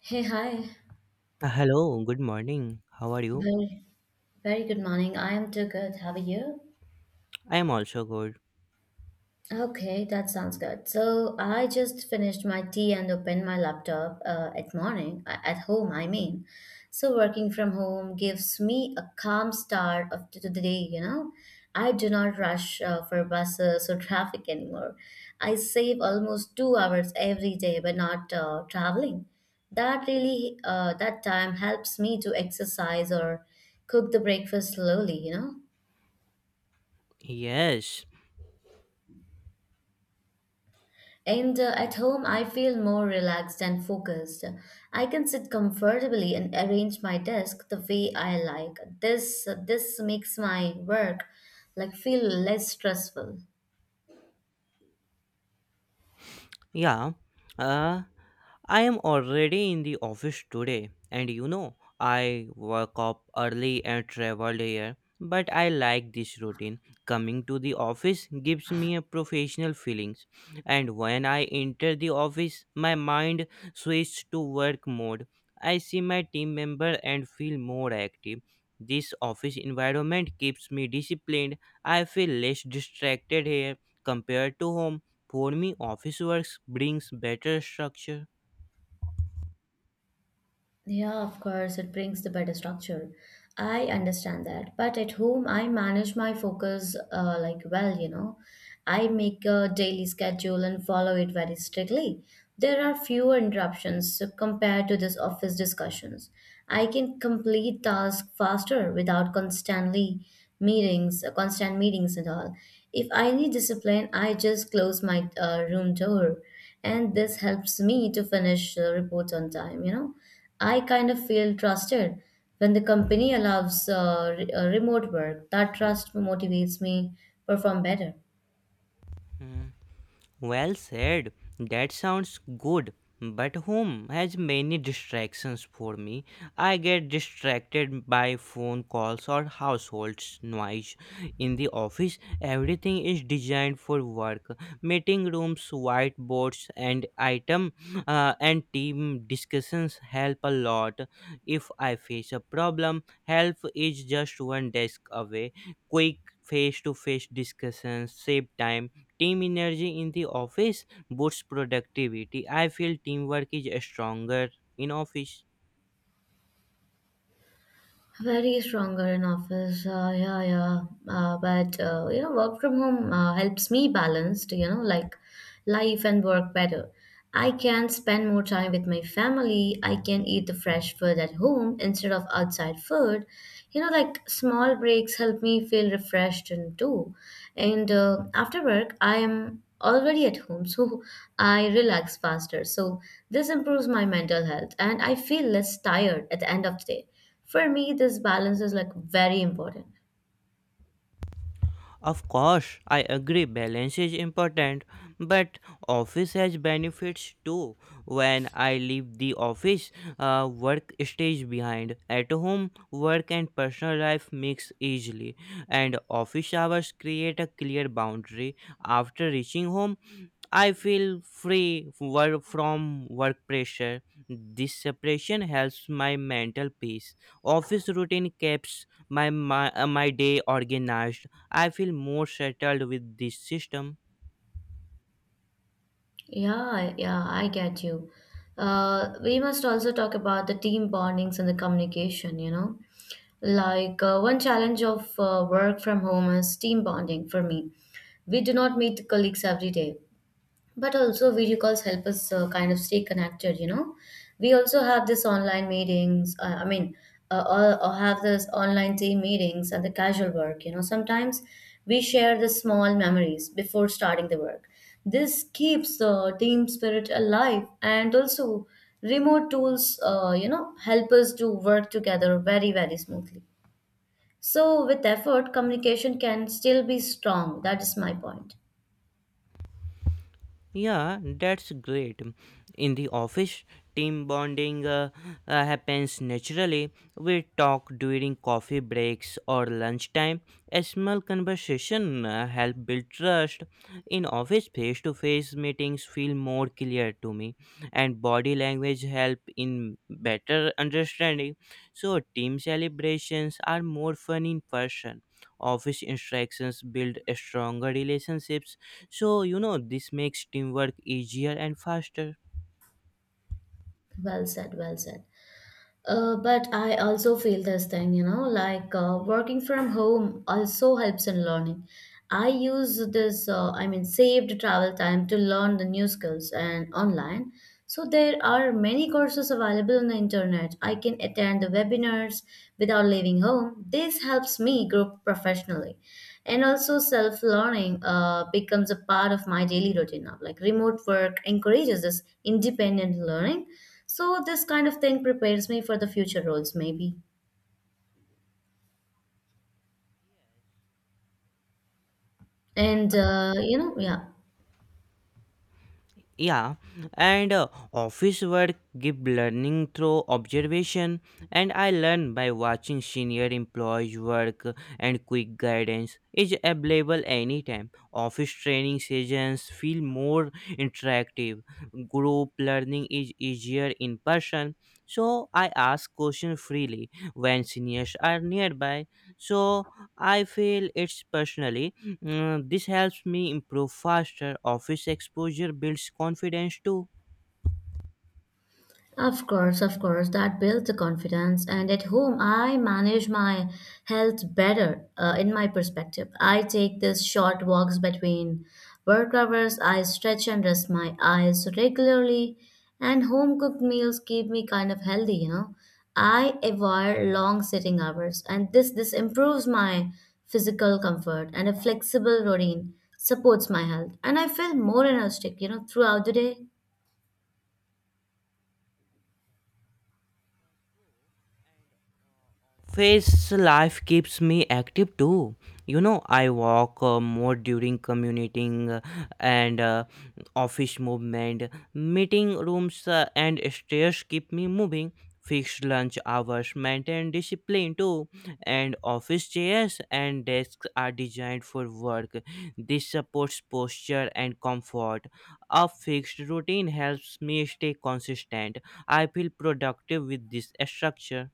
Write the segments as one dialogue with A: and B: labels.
A: Hey, hi.
B: Hello, good morning. How are you?
A: Very, very good morning. I am too good. How are you?
B: I am also good.
A: Okay, that sounds good. So I just finished my tea and opened my laptop at morning at home. So working from home gives me a calm start of to the day. You know, I do not rush for buses or traffic anymore. I save almost 2 hours every day by not traveling. That time helps me to exercise or cook the breakfast slowly. You know.
B: Yes.
A: And at home, I feel more relaxed and focused. I can sit comfortably and arrange my desk the way I like. This makes my work like feel less stressful.
B: Yeah, uh, I am already in the office today, and you know, I woke up early and traveled here. But I like this routine. Coming to the office gives me a professional feelings, and when I enter the office, my mind switches to work mode. I see my team member and feel more active. This office environment keeps me disciplined. I feel less distracted here compared to home for me, office works brings better structure.
A: Yeah, of course, it brings the better structure. I understand that. But at home, I manage my focus like well, you know. I make a daily schedule and follow it very strictly. There are fewer interruptions compared to this office discussions. I can complete tasks faster without constant meetings and all. If I need discipline, I just close my room door, and this helps me to finish reports on time. I kind of feel trusted when the company allows remote work. That trust motivates me perform better.
B: Hmm. Well said. That sounds good. But home has many distractions for me. I get distracted by phone calls or household noise. In the office, everything is designed for work. Meeting rooms, whiteboards, and team discussions help a lot. If I face a problem, help is just one desk away. Quick face-to-face discussions save time. Team energy in the office boosts productivity. I feel teamwork is stronger in office.
A: Very stronger in office, yeah, yeah. But you know, work from home helps me balanced, you know, like life and work better. I can spend more time with my family. I can eat the fresh food at home instead of outside food. You know, like small breaks help me feel refreshed and too. And after work, I am already at home, so I relax faster. So this improves my mental health, and I feel less tired at the end of the day. For me, this balance is like very important.
B: Of course, I agree balance is important, but office has benefits too. When I leave the office, work stays behind. At home, work and personal life mix easily, and office hours create a clear boundary. After reaching home, I feel free work from work pressure. This separation helps my mental peace. Office routine keeps my day organized. I feel more settled with this system.
A: Yeah, yeah, I get you. We must also talk about the team bondings and the communication, you know. Like one challenge of work from home is team bonding for me. We do not meet colleagues every day, but also video calls help us kind of stay connected, you know. We also have this online meetings I mean or have this online team meetings and the casual work, you know. Sometimes we share the small memories before starting the work. This keeps the team spirit alive, and also remote tools you know, help us to work together very, very smoothly. So with effort communication can still be strong. That is my point.
B: Yeah, that's great. In the office, team bonding happens naturally. We talk during coffee breaks or lunchtime. A small conversation help build trust. In office, face-to-face meetings feel more clear to me, and body language help in better understanding. So, team celebrations are more fun in person. Office interactions build stronger relationships, so, you know, this makes teamwork easier and faster.
A: Well said, well said. But I also feel this thing, you know, like working from home also helps in learning. I use saved travel time to learn the new skills and online. So there are many courses available on the internet. I can attend the webinars without leaving home. This helps me grow professionally. And also self-learning becomes a part of my daily routine now. Like remote work encourages this independent learning. So this kind of thing prepares me for the future roles, maybe. And you know, yeah.
B: Yeah, and Office work give learning through observation, and I learn by watching senior employees work and quick guidance is available anytime. Office training sessions feel more interactive. Group learning is easier in person, so I ask questions freely when seniors are nearby. So I feel it's personally. Mm, this helps me improve faster. Office exposure builds confidence too.
A: Of course, that builds the confidence. And at home, I manage my health better in my perspective. I take these short walks between work hours, I stretch and rest my eyes regularly, and home cooked meals keep me kind of healthy, you know. I avoid long sitting hours, and this improves my physical comfort, and a flexible routine supports my health, and I feel more energetic, you know, throughout the day.
B: Face life keeps me active too. You know, I walk more during commuting and office movement. Meeting rooms and stairs keep me moving. Fixed lunch hours maintain discipline too. And office chairs and desks are designed for work. This supports posture and comfort. A fixed routine helps me stay consistent. I feel productive with this structure.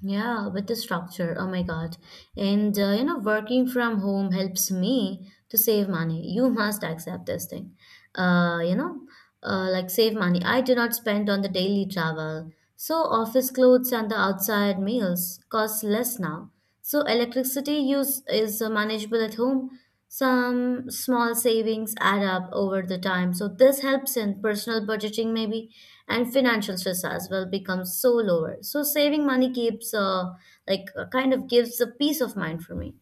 A: Yeah, with the structure. Oh my God. And you know, working from home helps me to save money. You must accept this thing. Uh, you know, like save money. I do not spend on the daily travel. So office clothes and the outside meals cost less now. So electricity use is manageable at home. Some small savings add up over the time. So this helps in personal budgeting maybe, and financial stress as well becomes so lower. So saving money keeps kind of gives a peace of mind for me.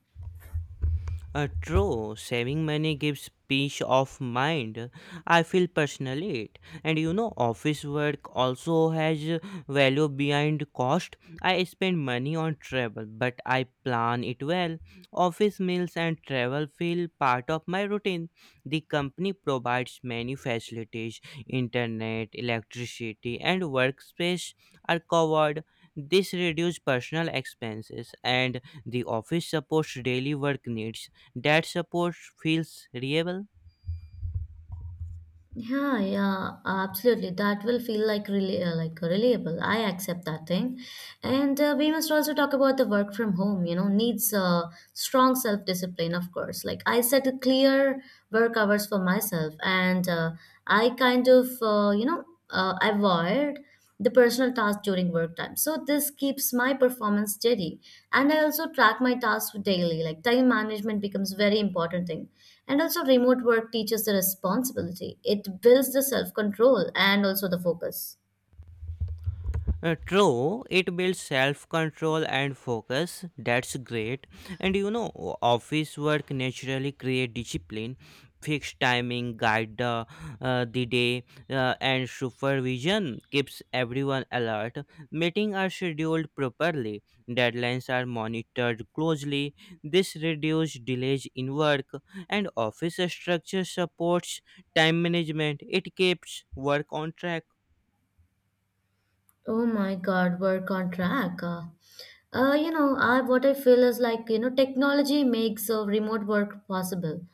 B: True, saving money gives peace of mind. I feel personally it. And you know, office work also has value behind cost. I spend money on travel, but I plan it well. Office meals and travel feel part of my routine. The company provides many facilities: internet, electricity, and workspace are covered. This reduces personal expenses and the office supports daily work needs. That support feels reliable.
A: Yeah, yeah, absolutely. That will feel like really like reliable. I accept that thing, and we must also talk about the work from home. You know, needs strong self discipline, of course. Like I set a clear work hours for myself, and I kind of you know, avoid the personal tasks during work time. So this keeps my performance steady. And I also track my tasks daily. Like time management becomes very important thing. And also remote work teaches the responsibility. It builds the self-control and also the focus.
B: True, it builds self control and focus. That's great. And you know, office work naturally create discipline, fixed timing, guide the day, and supervision keeps everyone alert. Meetings are scheduled properly, deadlines are monitored closely. This reduces delays in work, and office structure supports time management. It keeps work on track.
A: Oh my God, work on track. You know, I what I feel is like, you know, technology makes remote work possible.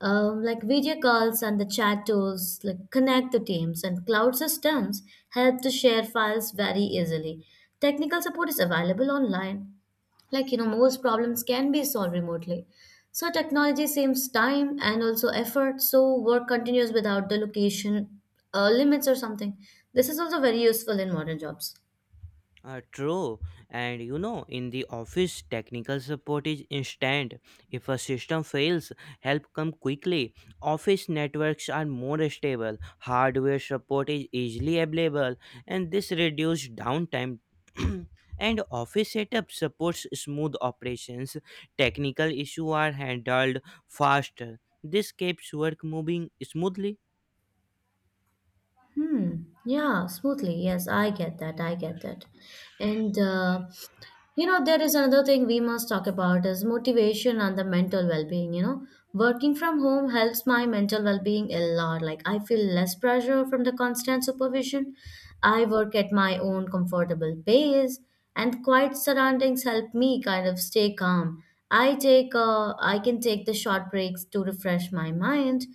A: Like video calls and the chat tools, like connect the teams, and cloud systems help to share files very easily. Technical support is available online. Like you know, most problems can be solved remotely. So technology saves time and also effort. So work continues without the location limits or something. This is also very useful in modern jobs.
B: True, and you know, in the office, technical support is instant. If a system fails, help come quickly. Office networks are more stable. Hardware support is easily available, and this reduces downtime. And office setup supports smooth operations. Technical issues are handled faster. This keeps work moving smoothly.
A: Hmm. Yeah, smoothly. Yes, I get that. I get that. And you know, there is another thing we must talk about is motivation and the mental well-being. You know, working from home helps my mental well-being a lot. Like I feel less pressure from the constant supervision. I work at my own comfortable pace, and quiet surroundings help me kind of stay calm. I can take the short breaks to refresh my mind.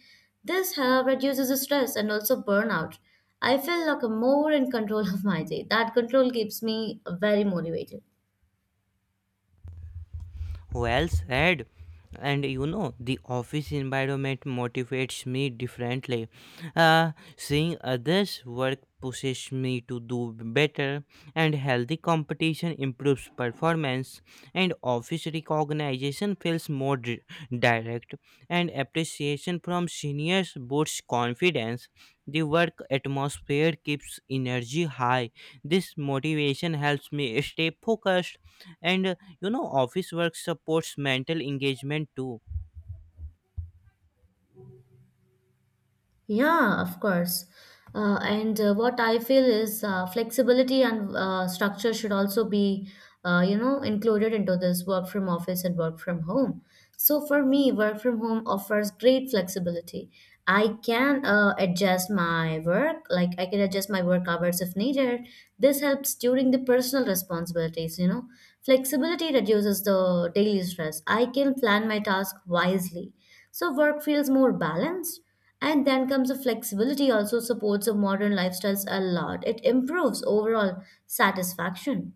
A: This help reduces the stress and also burnout. I feel like I'm more in control of my day. That control keeps me very motivated.
B: Well said. And you know, the office environment motivates me differently. Seeing others work pushes me to do better, and healthy competition improves performance, and office recognition feels more direct, and appreciation from seniors boosts confidence. The work atmosphere keeps energy high. This motivation helps me stay focused, and you know, office work supports mental engagement too.
A: Yeah, of course. And What I feel is flexibility and structure should also be, you know, included into this work from office and work from home. So for me, work from home offers great flexibility. I can adjust my work hours if needed. This helps during the personal responsibilities, you know. Flexibility reduces the daily stress. I can plan my task wisely. So work feels more balanced, and then comes the flexibility also supports a modern lifestyles a lot. It improves overall satisfaction.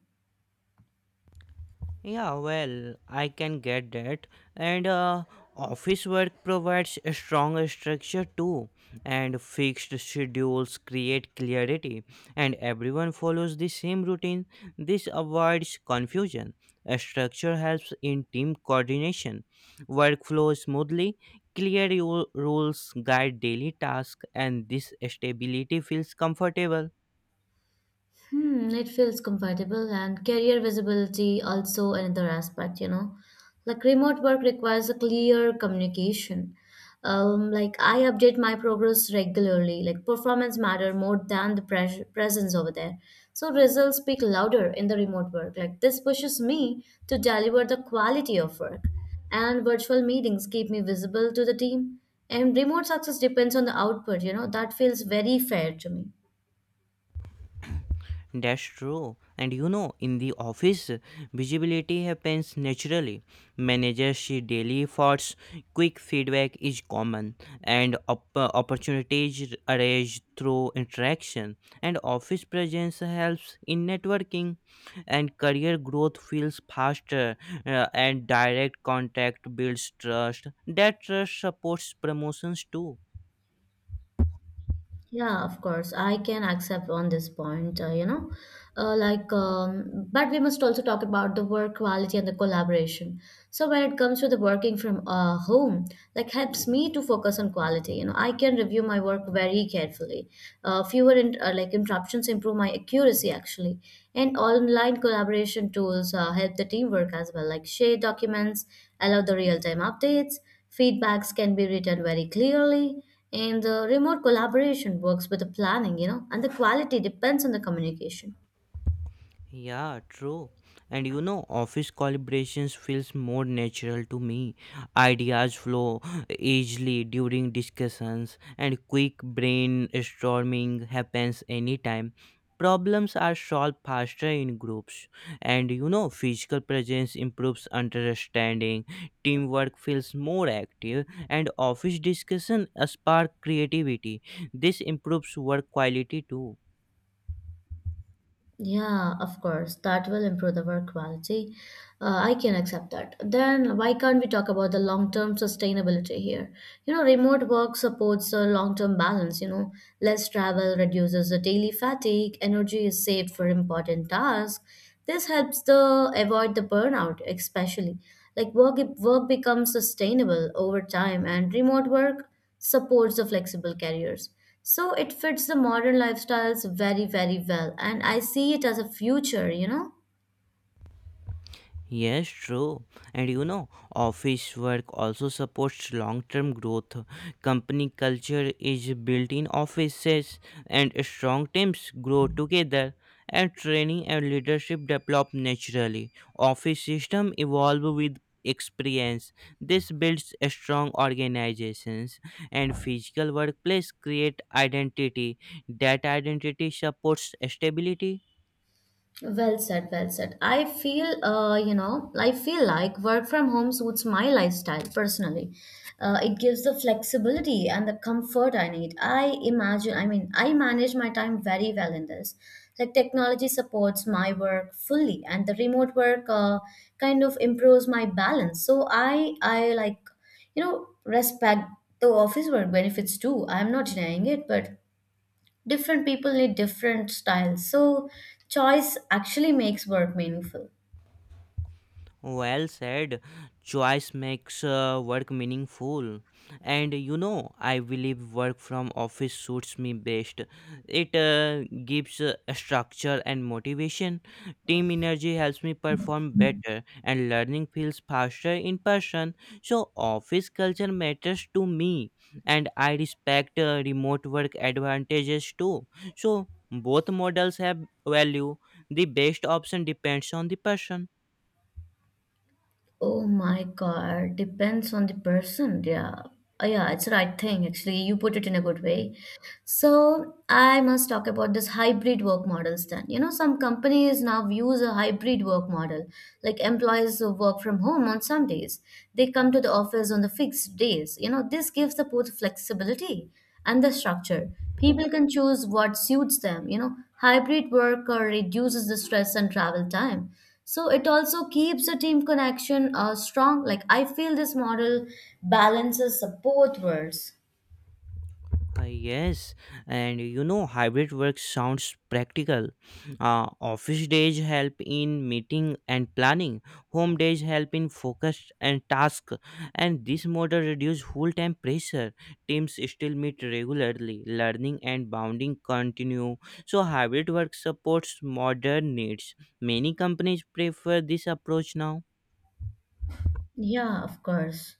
B: Yeah, well, I can get that. And office work provides a strong structure too, and fixed schedules create clarity, and everyone follows the same routine. This avoids confusion. A structure helps in team coordination. Work flows smoothly. Clear rules guide daily tasks and this stability feels comfortable.
A: Hmm, it feels comfortable, and career visibility also another aspect, you know. Like remote work requires a clear communication. Like I update my progress regularly. Like performance matter more than the presence over there. So results speak louder in the remote work. Like this pushes me to deliver the quality of work. And virtual meetings keep me visible to the team. And remote success depends on the output, you know. That feels very fair to me.
B: That's true. And you know, in the office, visibility happens naturally. Managers see daily efforts, quick feedback is common, and opportunities arise through interaction. And office presence helps in networking, and career growth feels faster, and direct contact builds trust. That trust supports promotions too.
A: Yeah, of course. I can accept on this point, you know. But we must also talk about the work quality and the collaboration. So when it comes to the working from home, like helps me to focus on quality. You know, I can review my work very carefully. Like interruptions improve my accuracy actually, and online collaboration tools help the teamwork as well. Like share documents, allow the real time updates. Feedbacks can be written very clearly, and the remote collaboration works with the planning, you know, and the quality depends on the communication.
B: Yeah, true. And you know, office collaborations feels more natural to me. Ideas flow easily during discussions and quick brainstorming happens anytime. Problems are solved faster in groups. And you know, physical presence improves understanding. Teamwork feels more active and office discussion spark creativity. This improves work quality too.
A: Yeah, of course. That will improve the work quality. I can accept that. Then why can't we talk about the long-term sustainability here? You know, remote work supports the long-term balance, you know, less travel reduces the daily fatigue, energy is saved for important tasks. This helps the avoid the burnout, especially. Like work becomes sustainable over time, and remote work supports the flexible careers. So it fits the modern lifestyles very, very well. And I see it as a future, you know?
B: Yes, true. And you know, office work also supports long-term growth. Company culture is built in offices and strong teams grow together and training and leadership develop naturally. Office system evolve with experience. This builds a strong organizations and physical workplace create identity. That identity supports stability.
A: Well said, well said. I feel, you know, I feel like work from home suits my lifestyle personally. It gives the flexibility and the comfort I need. I imagine, I mean, I manage my time very well in this. Like technology supports my work fully, and the remote work kind of improves my balance. So I like, you know, respect the office work benefits too. I'm not denying it, but different people need different styles, so choice actually makes work meaningful.
B: Well said. Choice makes work meaningful. And you know, I believe work from office suits me best. It gives structure and motivation. Team energy helps me perform better, and learning feels faster in person. So, office culture matters to me, and I respect remote work advantages too. So, both models have value. The best option depends on the person.
A: Oh my god, depends on the person, yeah. Yeah, it's the right thing actually. You put it in a good way. So I must talk about this hybrid work models then. You know, some companies now use a hybrid work model, like employees who work from home on some days. They come to the office on the fixed days. You know, this gives the both flexibility and the structure. People can choose what suits them. You know, hybrid work reduces the stress and travel time. So it also keeps the team connection strong. Like I feel this model balances both worlds.
B: Yes, and you know, hybrid work sounds practical. Office days help in meeting and planning. Home days help in focus and task. And this model reduces full-time pressure. Teams still meet regularly. Learning and bonding continue. So hybrid work supports modern needs. Many companies prefer this approach now.
A: Yeah, of course.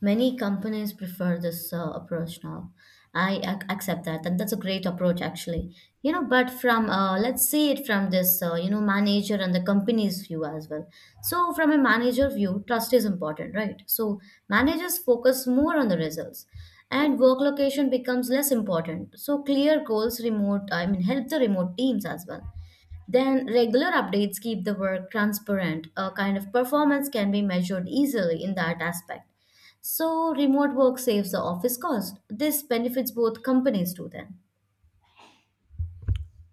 A: Many companies prefer this approach now. Accept that, and that's a great approach, actually. You know, but from let's see it from this, you know, manager and the company's view as well. So, from a manager view, trust is important, right? So, managers focus more on the results, and work location becomes less important. So, clear goals remote, I mean, help the remote teams as well. Then regular updates keep the work transparent. A kind of performance can be measured easily in that aspect. So remote work saves the office cost. This benefits both companies too then.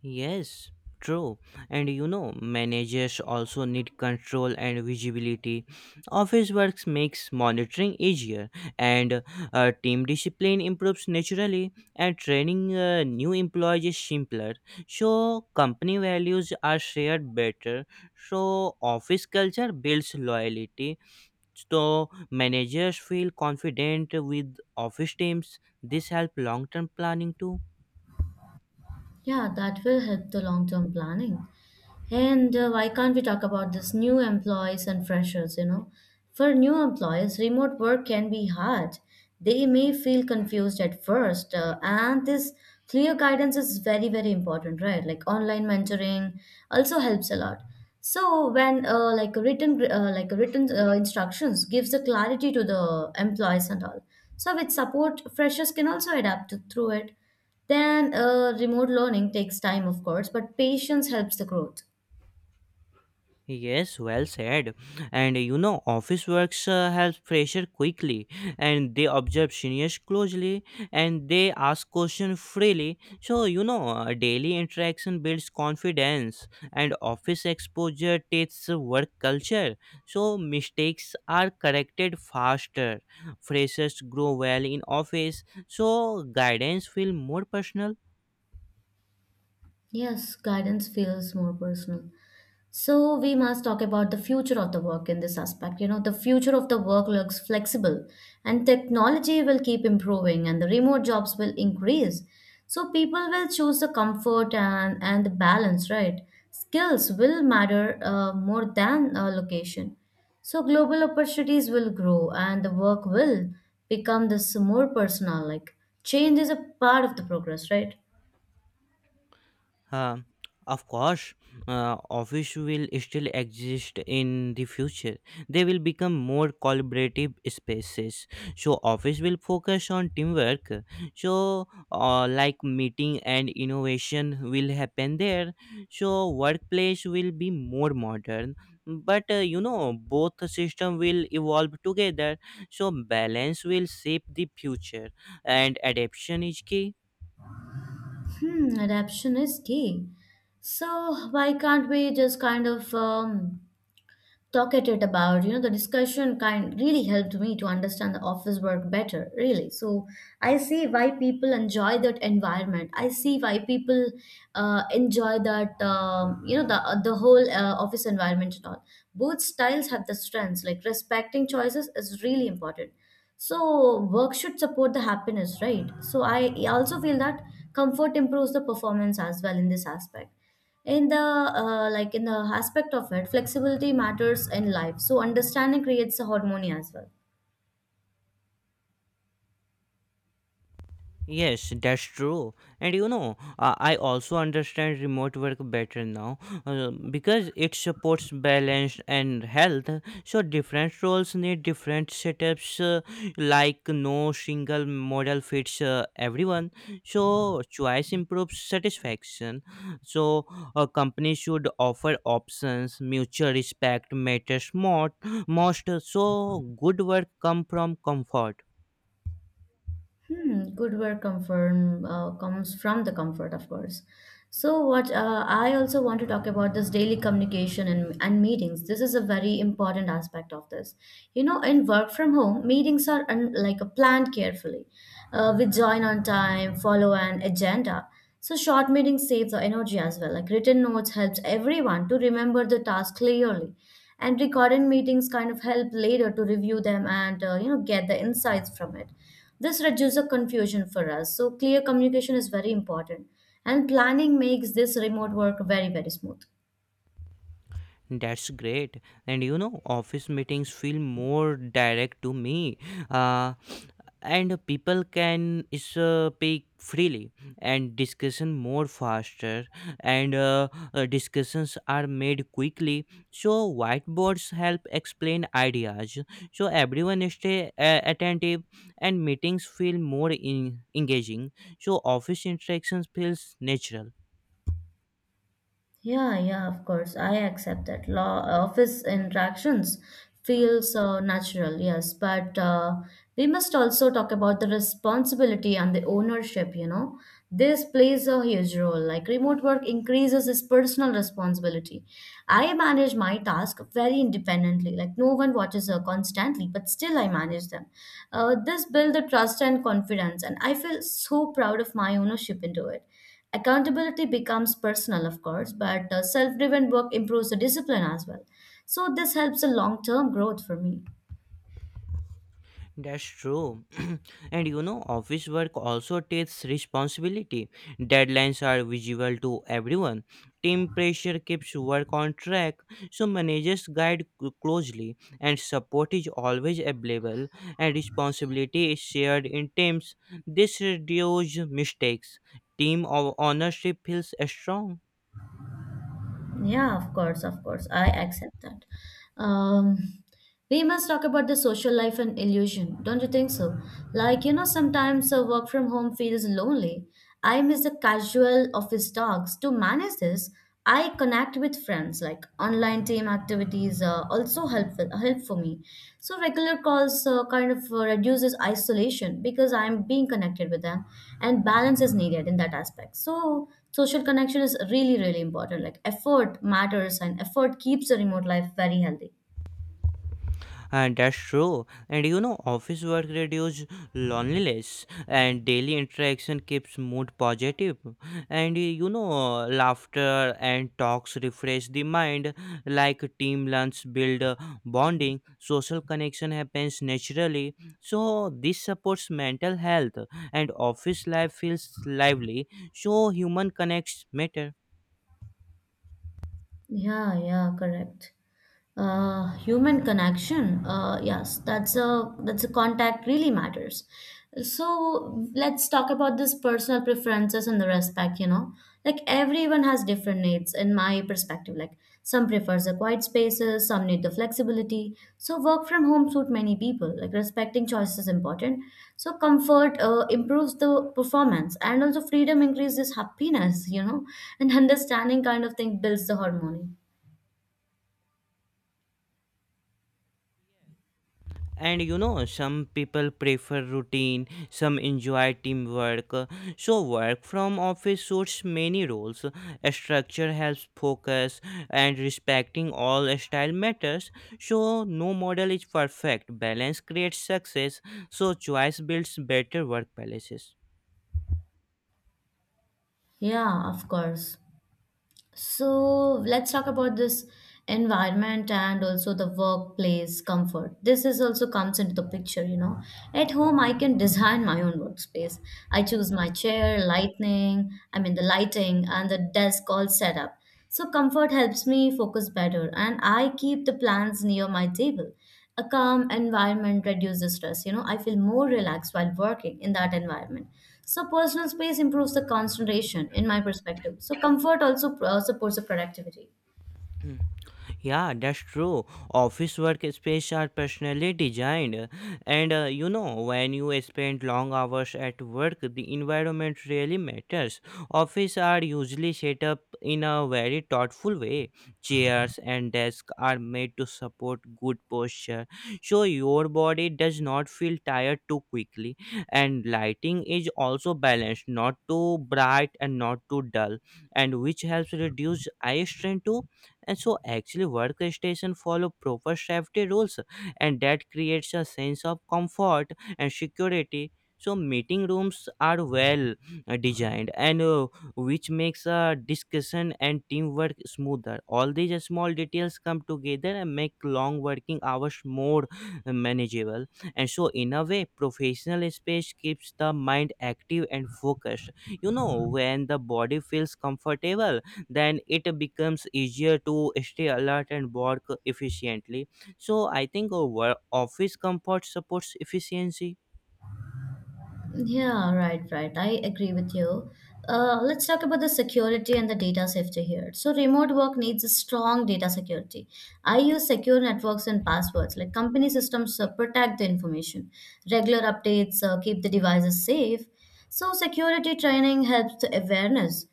B: Yes, true. And you know, managers also need control and visibility. Office works makes monitoring easier, and team discipline improves naturally, and training new employees is simpler. So, company values are shared better. So, office culture builds loyalty. So, managers feel confident with office teams. This helps long term planning too.
A: Yeah, that will help the long term planning. And why can't we talk about this new employees and freshers? You know, for new employees, remote work can be hard. They may feel confused at first, and this clear guidance is very, very important, right? Like online mentoring also helps a lot. So when like a written instructions gives the clarity to the employees and all. So with support, freshers can also adapt to, through it. Then remote learning takes time, of course, but patience helps the growth.
B: Yes, well said. And you know, office works have pressure quickly, and they observe seniors closely, and they ask questions freely. So you know, daily interaction builds confidence, and office exposure takes work culture. So mistakes are corrected faster. Freshers grow well in office, so guidance feel more personal.
A: Yes, guidance feels more personal. So we must talk about the future of the work in this aspect. You know, the future of the work looks flexible and technology will keep improving and the remote jobs will increase. So people will choose the comfort and the balance, right? Skills will matter more than location. So global opportunities will grow and the work will become this more personal. Like change is a part of the progress, right?
B: Huh? Of course, office will still exist in the future. They will become more collaborative spaces. So office will focus on teamwork. So, like, meeting and innovation will happen there. So workplace will be more modern. But you know both system will evolve together. So balance will shape the future, and adaptation is key.
A: Hmm, adaption is key. So why can't we just kind of talk at it about, you know, the discussion kind really helped me to understand the office work better really. So I see why people enjoy that environment. I see why people enjoy that, you know, the whole office environment and all. Both styles have the strengths, like respecting choices is really important. So work should support the happiness, right? So I also feel that comfort improves the performance as well in this aspect. In the like in the aspect of it, flexibility matters in life. So understanding creates a harmony as well.
B: Yes, that's true. And you know, I also understand remote work better now because it supports balance and health. So, different roles need different setups, like no single model fits everyone. So, choice improves satisfaction. So, a company should offer options, mutual respect matters more, most. So, good work come from comfort.
A: Hmm, good work confirm comes from the comfort, of course. So what I also want to talk about this daily communication and meetings. This is a very important aspect of this. You know, in work from home, like a planned carefully. We join on time, follow an agenda. So short meetings save the energy as well. Like written notes helps everyone to remember the task clearly, and recorded meetings kind of help later to review them and you know, get the insights from it. This reduces confusion for us. So clear communication is very important. And planning makes this remote work very, very smooth.
B: That's great. And you know, office meetings feel more direct to me. Uh, and people can speak freely and discussion more faster and discussions are made quickly, so whiteboards help explain ideas, so everyone stay attentive and meetings feel more engaging, so office interactions feels natural.
A: Yeah, yeah, of course. I accept that. Law office interactions feels natural, yes, but we must also talk about the responsibility and the ownership, you know. This plays a huge role. Like remote work increases his personal responsibility. I manage my task very independently. Like no one watches her constantly, but still I manage them. This builds the trust and confidence, and I feel so proud of my ownership into it. Accountability becomes personal, of course, but self driven work improves the discipline as well. So, this helps the long term growth for me.
B: That's true. And you know, office work also takes responsibility. Deadlines are visible to everyone. Team pressure keeps work on track, so managers guide closely, and support is always available, and responsibility is shared in teams. This reduces mistakes. Team of ownership feels strong.
A: Yeah, of course, of course. I accept that. Um, we must talk about the social life and illusion, don't you think so? Like, you know, sometimes a work from home feels lonely. I miss the casual office talks. To manage this, I connect with friends. Like online team activities are also helpful help for me. So regular calls kind of reduces isolation because I'm being connected with them, and balance is needed in that aspect. So social connection is really, really important. Like effort matters and effort keeps the remote life very healthy.
B: And that's true. And you know, office work reduces loneliness, and daily interaction keeps mood positive. And you know, laughter and talks refresh the mind. Like team lunch build bonding, social connection happens naturally. So this supports mental health, and office life feels lively. So human connects matter.
A: Yeah, yeah, correct. Human connection. Yes, that's a contact really matters. So let's talk about this personal preferences and the respect, you know. Like everyone has different needs in my perspective. Like some prefers the quiet spaces, some need the flexibility. So work from home suit many people. Like respecting choices is important. So comfort improves the performance and also freedom increases happiness, you know, and understanding kind of thing builds the harmony.
B: And you know some people prefer routine, some enjoy teamwork, so work from office suits many roles. A structure helps focus and respecting all style matters, so no model is perfect, balance creates success, so choice builds better workplaces.
A: Yeah, of course. So let's talk about this environment and also the workplace comfort. This is also comes into the picture, you know. At home, I can design my own workspace. I choose my chair, lightning, I mean the lighting and the desk all set up. So comfort helps me focus better and I keep the plants near my table. A calm environment reduces stress. You know, I feel more relaxed while working in that environment. So personal space improves the concentration in my perspective. So comfort also supports the productivity.
B: Yeah, that's true. Office workspace are personally designed, and you know, when you spend long hours at work, the environment really matters. Office are usually set up in a very thoughtful way. Chairs and desks are made to support good posture, so your body does not feel tired too quickly. And lighting is also balanced, not too bright and not too dull, and which helps reduce eye strain too. And so actually workstations follow proper safety rules, and that creates a sense of comfort and security. So meeting rooms are well designed and which makes a discussion and teamwork smoother. All these small details come together and make long working hours more manageable. And so in a way professional space keeps the mind active and focused. You know, when the body feels comfortable, then it becomes easier to stay alert and work efficiently, so I think our office comfort supports efficiency.
A: Yeah, right, right, I agree with you. Let's talk about the security and the data safety here. So remote work needs a strong data security. I use secure networks and passwords. Like company systems protect the information. Regular updates keep the devices safe. So security training helps the awareness.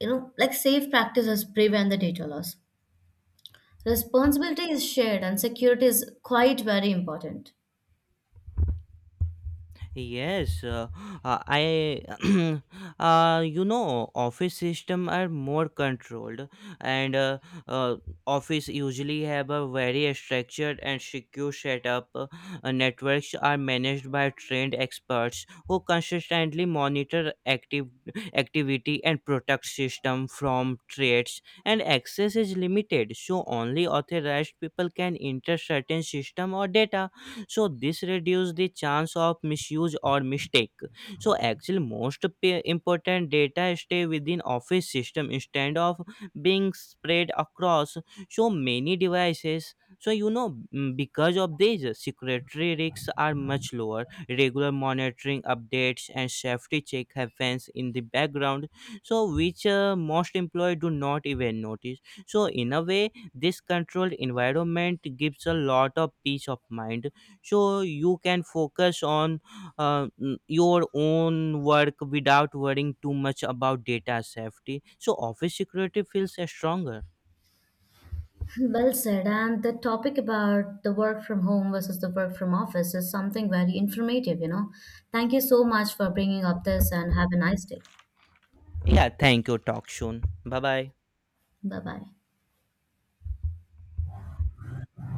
A: You know, like safe practices prevent the data loss. Responsibility is shared and security is quite very important.
B: Yes, uh, uh, I, you know, office system are more controlled, and uh, office usually have a very structured and secure setup. Networks are managed by trained experts who consistently monitor active activity and protect system from threats. And access is limited, so only authorized people can enter certain system or data, so this reduces the chance of misuse or mistake. So actually most important data stay within office system instead of being spread across so many devices. So you know, because of this secretary risks are much lower. Regular monitoring updates and safety check happens in the background, so which most employee do not even notice. So in a way this controlled environment gives a lot of peace of mind, so you can focus on your own work without worrying too much about data safety. So office security feels stronger.
A: Well said. And the topic about the work from home versus the work from office is something very informative, you know. Thank you so much for bringing up this and have a nice day.
B: Yeah, thank you. Talk soon. Bye bye.
A: Bye bye.